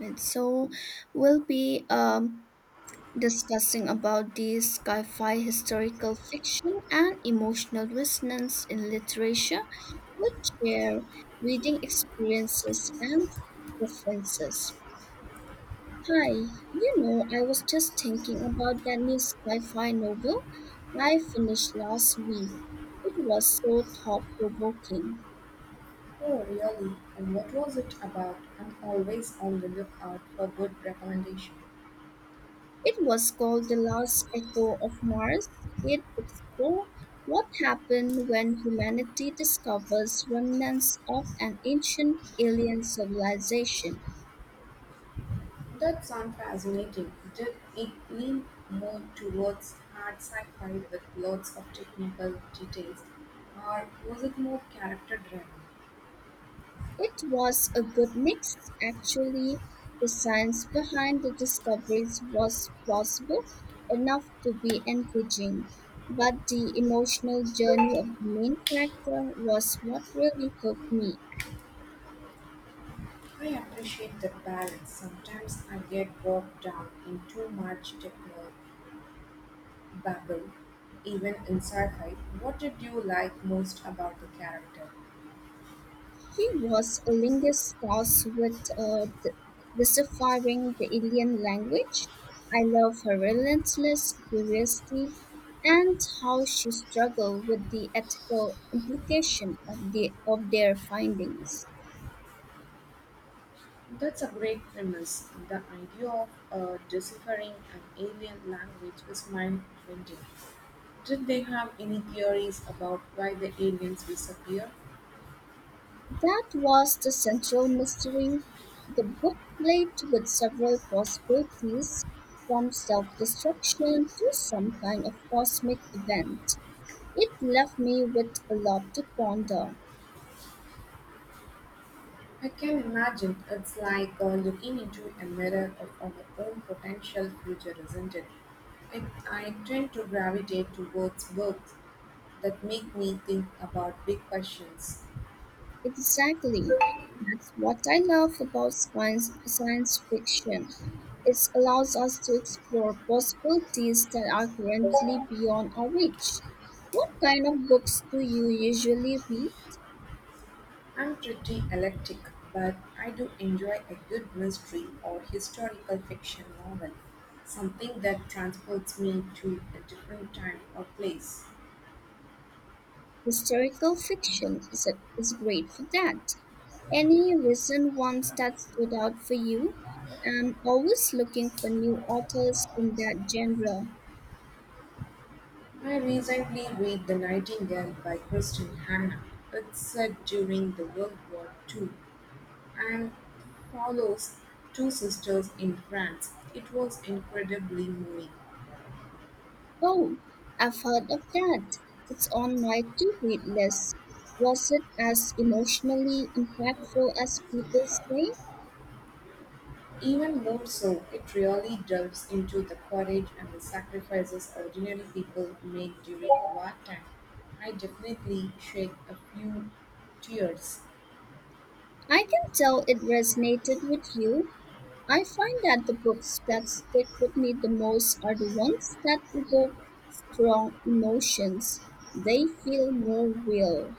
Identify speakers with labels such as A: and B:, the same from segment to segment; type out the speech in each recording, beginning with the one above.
A: Right, so we'll be discussing about the sci-fi historical fiction and emotional resonance in literature, which share reading experiences and preferences. Hi, I was just thinking about that new sci-fi novel I finished last week. It was so thought-provoking.
B: Oh, really? And what was it about? I'm always on the lookout for good recommendations.
A: It was called The Last Echo of Mars. It explored what happened when humanity discovers remnants of an ancient alien civilization.
B: That sounds fascinating. Did it lean more towards hard sci-fi with lots of technical details, or was it more character-driven?
A: It was a good mix. Actually, the science behind the discoveries was plausible enough to be engaging, but the emotional journey of the main character was what really hooked me.
B: I appreciate the balance. Sometimes I get bogged down in too much techno babble, even in sci-fi. What did you like most about the character?
A: He was a linguist tasked with deciphering the alien language. I love her relentless curiosity and how she struggled with the ethical implication of their findings.
B: That's a great premise. The idea of deciphering an alien language is mind bending. Did they have any theories about why the aliens disappear?
A: That was the central mystery. The book played with several possibilities, from self destruction to some kind of cosmic event. It left me with a lot to ponder.
B: I can imagine it's like looking into a mirror of our own potential future, isn't it? I, I tend to gravitate towards books that make me think about big questions.
A: Exactly. That's what I love about science fiction. It allows us to explore possibilities that are currently beyond our reach. What kind of books do you usually read?
B: I'm pretty eclectic, but I do enjoy a good mystery or historical fiction novel, something that transports me to a different time or place.
A: Historical fiction is great for that. Any recent ones that stood out for you? I'm always looking for new authors in that genre.
B: I recently read The Nightingale by Kristen Hannah. It's set during the World War II and follows two sisters in France. It was incredibly moving.
A: Oh, I've heard of that. It's on my to-read list. Was it as emotionally impactful as people say?
B: Even more so, it really delves into the courage and the sacrifices ordinary people made during wartime. I definitely shed a few tears.
A: I can tell it resonated with you. I find that the books that stick with me the most are the ones that evoke strong emotions. They feel more real.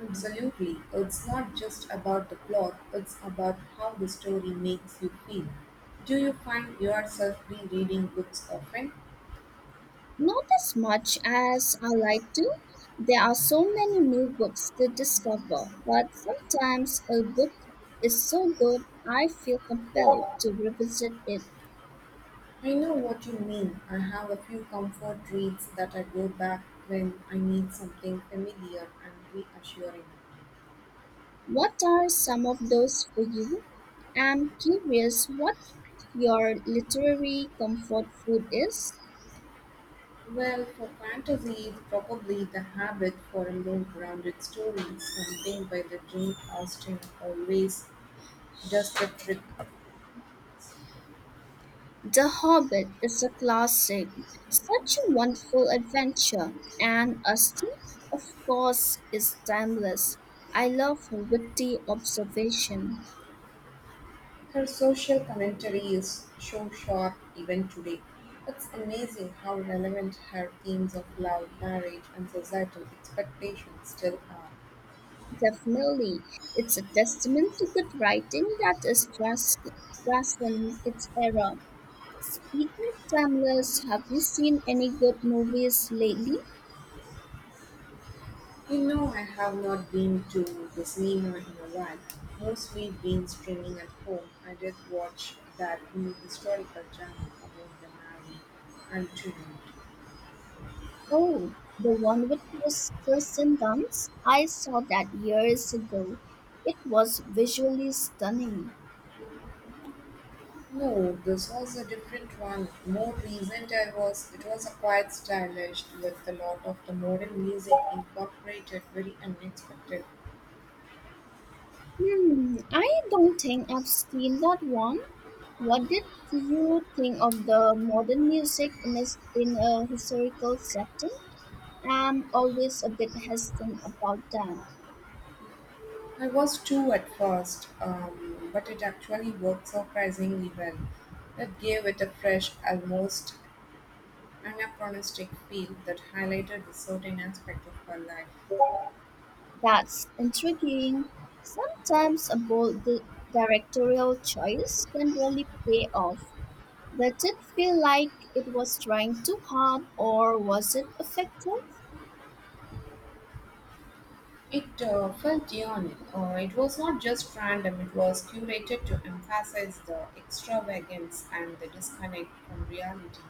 B: Absolutely. It's not just about the plot, it's about how the story makes you feel. Do you find yourself rereading books often?
A: Not as much as I like to. There are so many new books to discover, but sometimes a book is so good I feel compelled to revisit it.
B: I know what you mean. I have a few comfort reads that I go back when I need something familiar and reassuring.
A: What are some of those for you? I'm curious what your literary comfort food is.
B: Well, for fantasy, it's probably the habit for a more grounded story, something by the Jane Austen always does the trick.
A: The Hobbit is a classic. Such a wonderful adventure. And Austen, of course, is timeless. I love her witty observation.
B: Her social commentary is so sharp even today. It's amazing how relevant her themes of love, marriage, and societal expectations still are.
A: Definitely, it's a testament to good writing that is transcend its era. Speaking of timeless, have you seen any good movies lately?
B: You know, I have not been to the cinema in a while. Mostly been streaming at home. I did watch that new historical drama about the Mali Antoinette.
A: Oh, the one with Kirsten Dunst? I saw that years ago. It was visually stunning.
B: No, this was a different one. More recent, I was. It was a quite stylish with a lot of the modern music incorporated. Very unexpected.
A: Hmm, I don't think I've seen that one. What did you think of the modern music in a historical setting? I'm always a bit hesitant about that.
B: I was too at first, but it actually worked surprisingly well. That gave it a fresh, almost anachronistic film that highlighted a certain aspect of her life.
A: That's intriguing. Sometimes a bold directorial choice can really pay off. Did it feel like it was trying too hard or was it effective?
B: It felt genuine. It was not just random, it was curated to emphasize the extravagance and the disconnect from reality.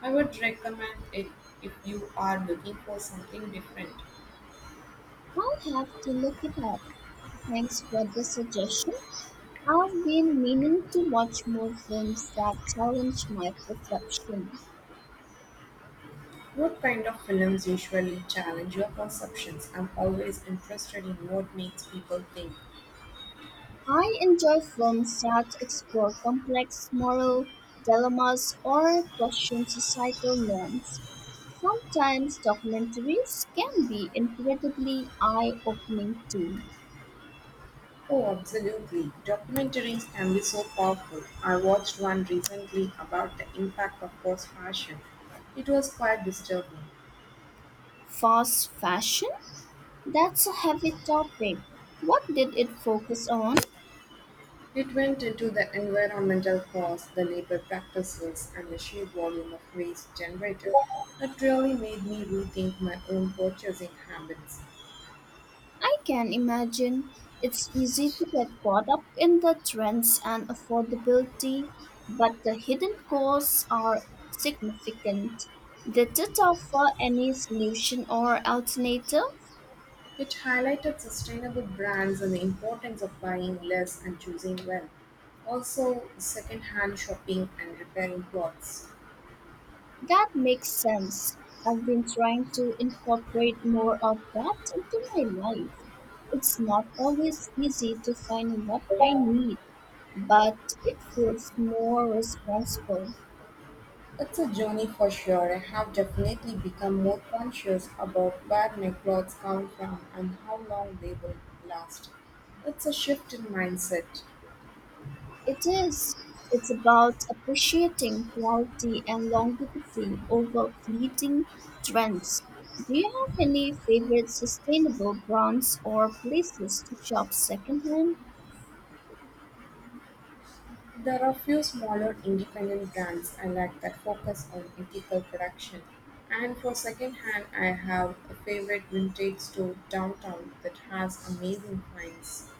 B: I would recommend it if you are looking for something different.
A: I'll have to look it up. Thanks for the suggestion. I've been meaning to watch more films that challenge my perception.
B: What kind of films usually challenge your perceptions? I'm always interested in what makes people think.
A: I enjoy films that explore complex moral dilemmas or question societal norms. Sometimes documentaries can be incredibly eye opening too.
B: Oh, absolutely. Documentaries can be so powerful. I watched one recently about the impact of fast fashion. It was quite disturbing.
A: Fast fashion? That's a heavy topic. What did it focus on?
B: It went into the environmental costs, the labor practices, and the sheer volume of waste generated. It really made me rethink my own purchasing habits.
A: I can imagine it's easy to get caught up in the trends and affordability, but the hidden costs are significant. They did offer any solution or alternative
B: It highlighted sustainable brands and the importance of buying less and choosing well. Also, second-hand shopping and repairing clothes.
A: that makes sense. I've been trying to incorporate more of that into my life. It's not always easy to find what I need, but it feels more responsible.
B: It's a journey for sure. I have definitely become more conscious about where my clothes come from and how long they will last. It's a shift in mindset.
A: It is. It's about appreciating quality and longevity over fleeting trends. Do you have any favorite sustainable brands or places to shop secondhand?
B: There are a few smaller independent brands I like that focus on ethical production. And for secondhand, I have a favorite vintage store downtown that has amazing finds.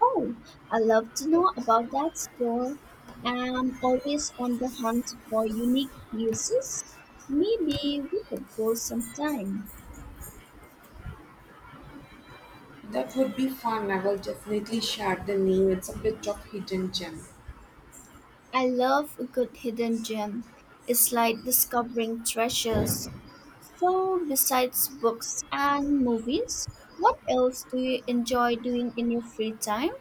A: Oh, I love to know about that store. I'm always on the hunt for unique pieces. Maybe we could go sometime.
B: That would be fun. I will definitely share the name. It's a bit of hidden gem.
A: I love a good hidden gem. It's like discovering treasures. So, besides books and movies, what else do you enjoy doing in your free time?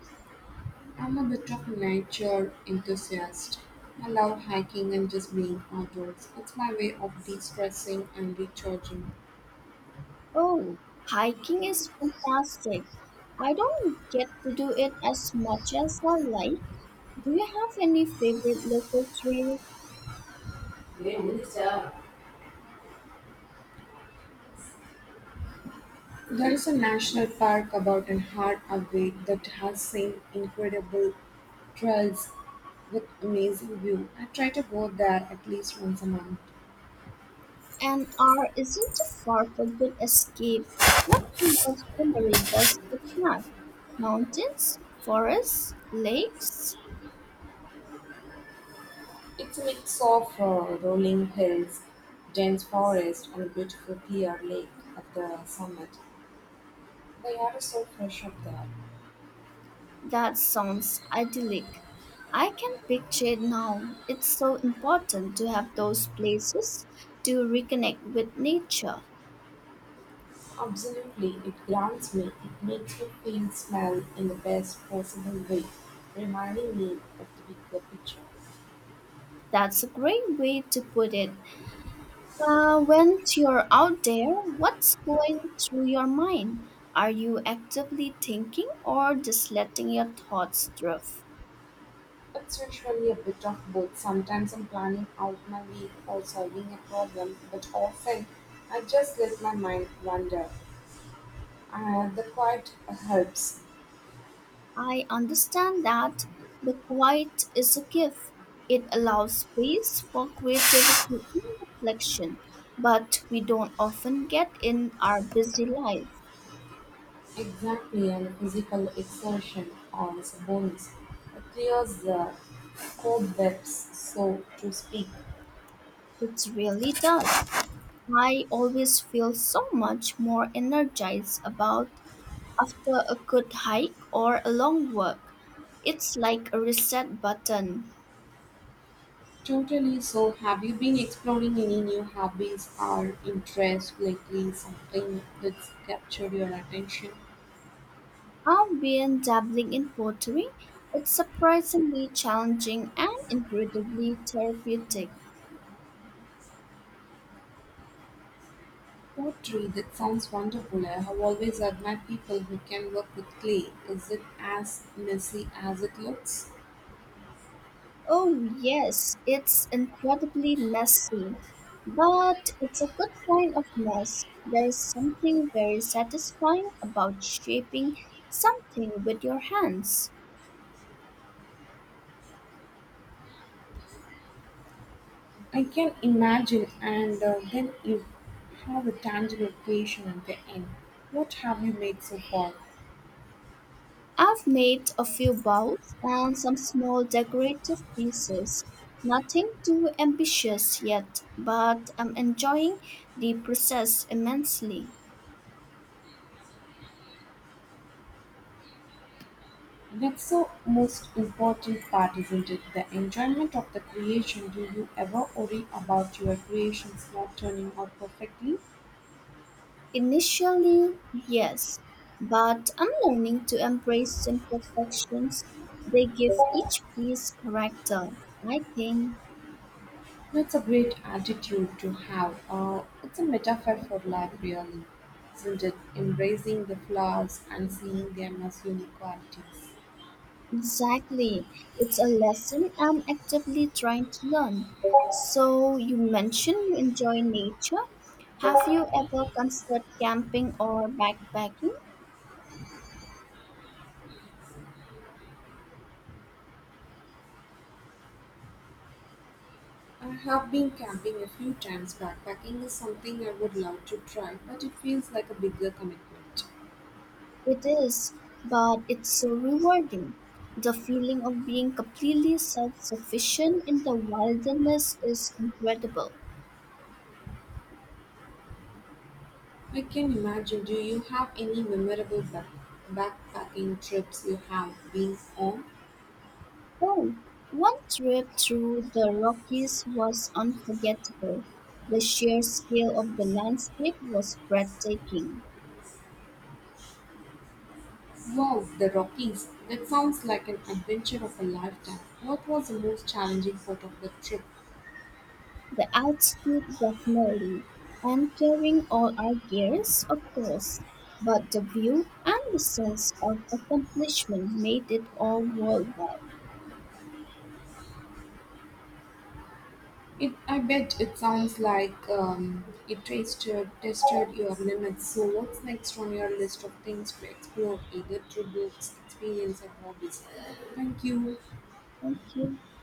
B: I'm a bit of a nature enthusiast. I love hiking and just being outdoors. It's my way of de stressing and recharging.
A: Oh, hiking is fantastic. I don't get to do it as much as I like. Do you have any favorite local trails?
B: There is a national park about an hour away that has seen incredible trails with amazing view. I try to go there at least once a month.
A: And are isn't too far for good escape? What kind of scenery does it have? Mountains, forests, lakes?
B: It's a mix of rolling hills, dense forest, and a beautiful clear lake at the summit. The air is so fresh up there.
A: That sounds idyllic. I can picture it now. It's so important to have those places to reconnect with nature.
B: Absolutely, it grounds me. It makes me feel small in the best possible way, reminding me of the bigger picture.
A: That's a great way to put it. When you're out there, what's going through your mind? Are you actively thinking or just letting your thoughts drift?
B: It's usually a bit of both. Sometimes I'm planning out my week or solving a problem, but often I just let my mind wander. The quiet helps.
A: I understand that the quiet is a gift. It allows space for creativity and reflection, but we don't often get in our busy life.
B: Exactly, and physical exertion on the bones. It clears the cobwebs, so to speak.
A: It really does. I always feel so much more energized about after a good hike or a long walk. It's like a reset button.
B: Totally. So, have you been exploring any new hobbies or interests lately? Something that's captured your attention?
A: I've been dabbling in pottery. It's surprisingly challenging and incredibly therapeutic.
B: Pottery, that sounds wonderful. I have always admired people who can work with clay. Is it as messy as it looks?
A: Oh, yes, it's incredibly messy, but it's a good kind of mess. There is something very satisfying about shaping something with your hands.
B: I can imagine, and then you have a tangible creation at the end. What have you made so far?
A: I've made a few bowls and some small decorative pieces. Nothing too ambitious yet, but I'm enjoying the process immensely.
B: That's the most important part, isn't it? The enjoyment of the creation. Do you ever worry about your creations not turning out perfectly?
A: Initially, yes, but I'm learning to embrace imperfections. They give each piece character, I think.
B: That's a great attitude to have. It's a metaphor for life, really, isn't it? Embracing the flaws and seeing them as unique qualities.
A: Exactly. It's a lesson I'm actively trying to learn. So, you mentioned you enjoy nature. Have you ever considered camping or backpacking?
B: I have been camping a few times. Backpacking is something I would love to try, but it feels like a bigger commitment.
A: It is, but it's so rewarding. The feeling of being completely self sufficient in the wilderness is incredible.
B: I can imagine. Do you have any memorable backpacking trips you have been on?
A: Oh, one trip through the Rockies was unforgettable. The sheer scale of the landscape was breathtaking.
B: Wow, the Rockies. That sounds like an adventure of a lifetime. What was the most challenging part of the trip?
A: The altitude, definitely, and carrying all our gears, of course. But the view and the sense of accomplishment made it all worthwhile.
B: It, I bet it sounds like it tested your limits. So, what's next on your list of things to explore, either through books, experience, or hobbies? Thank you.
A: Thank you.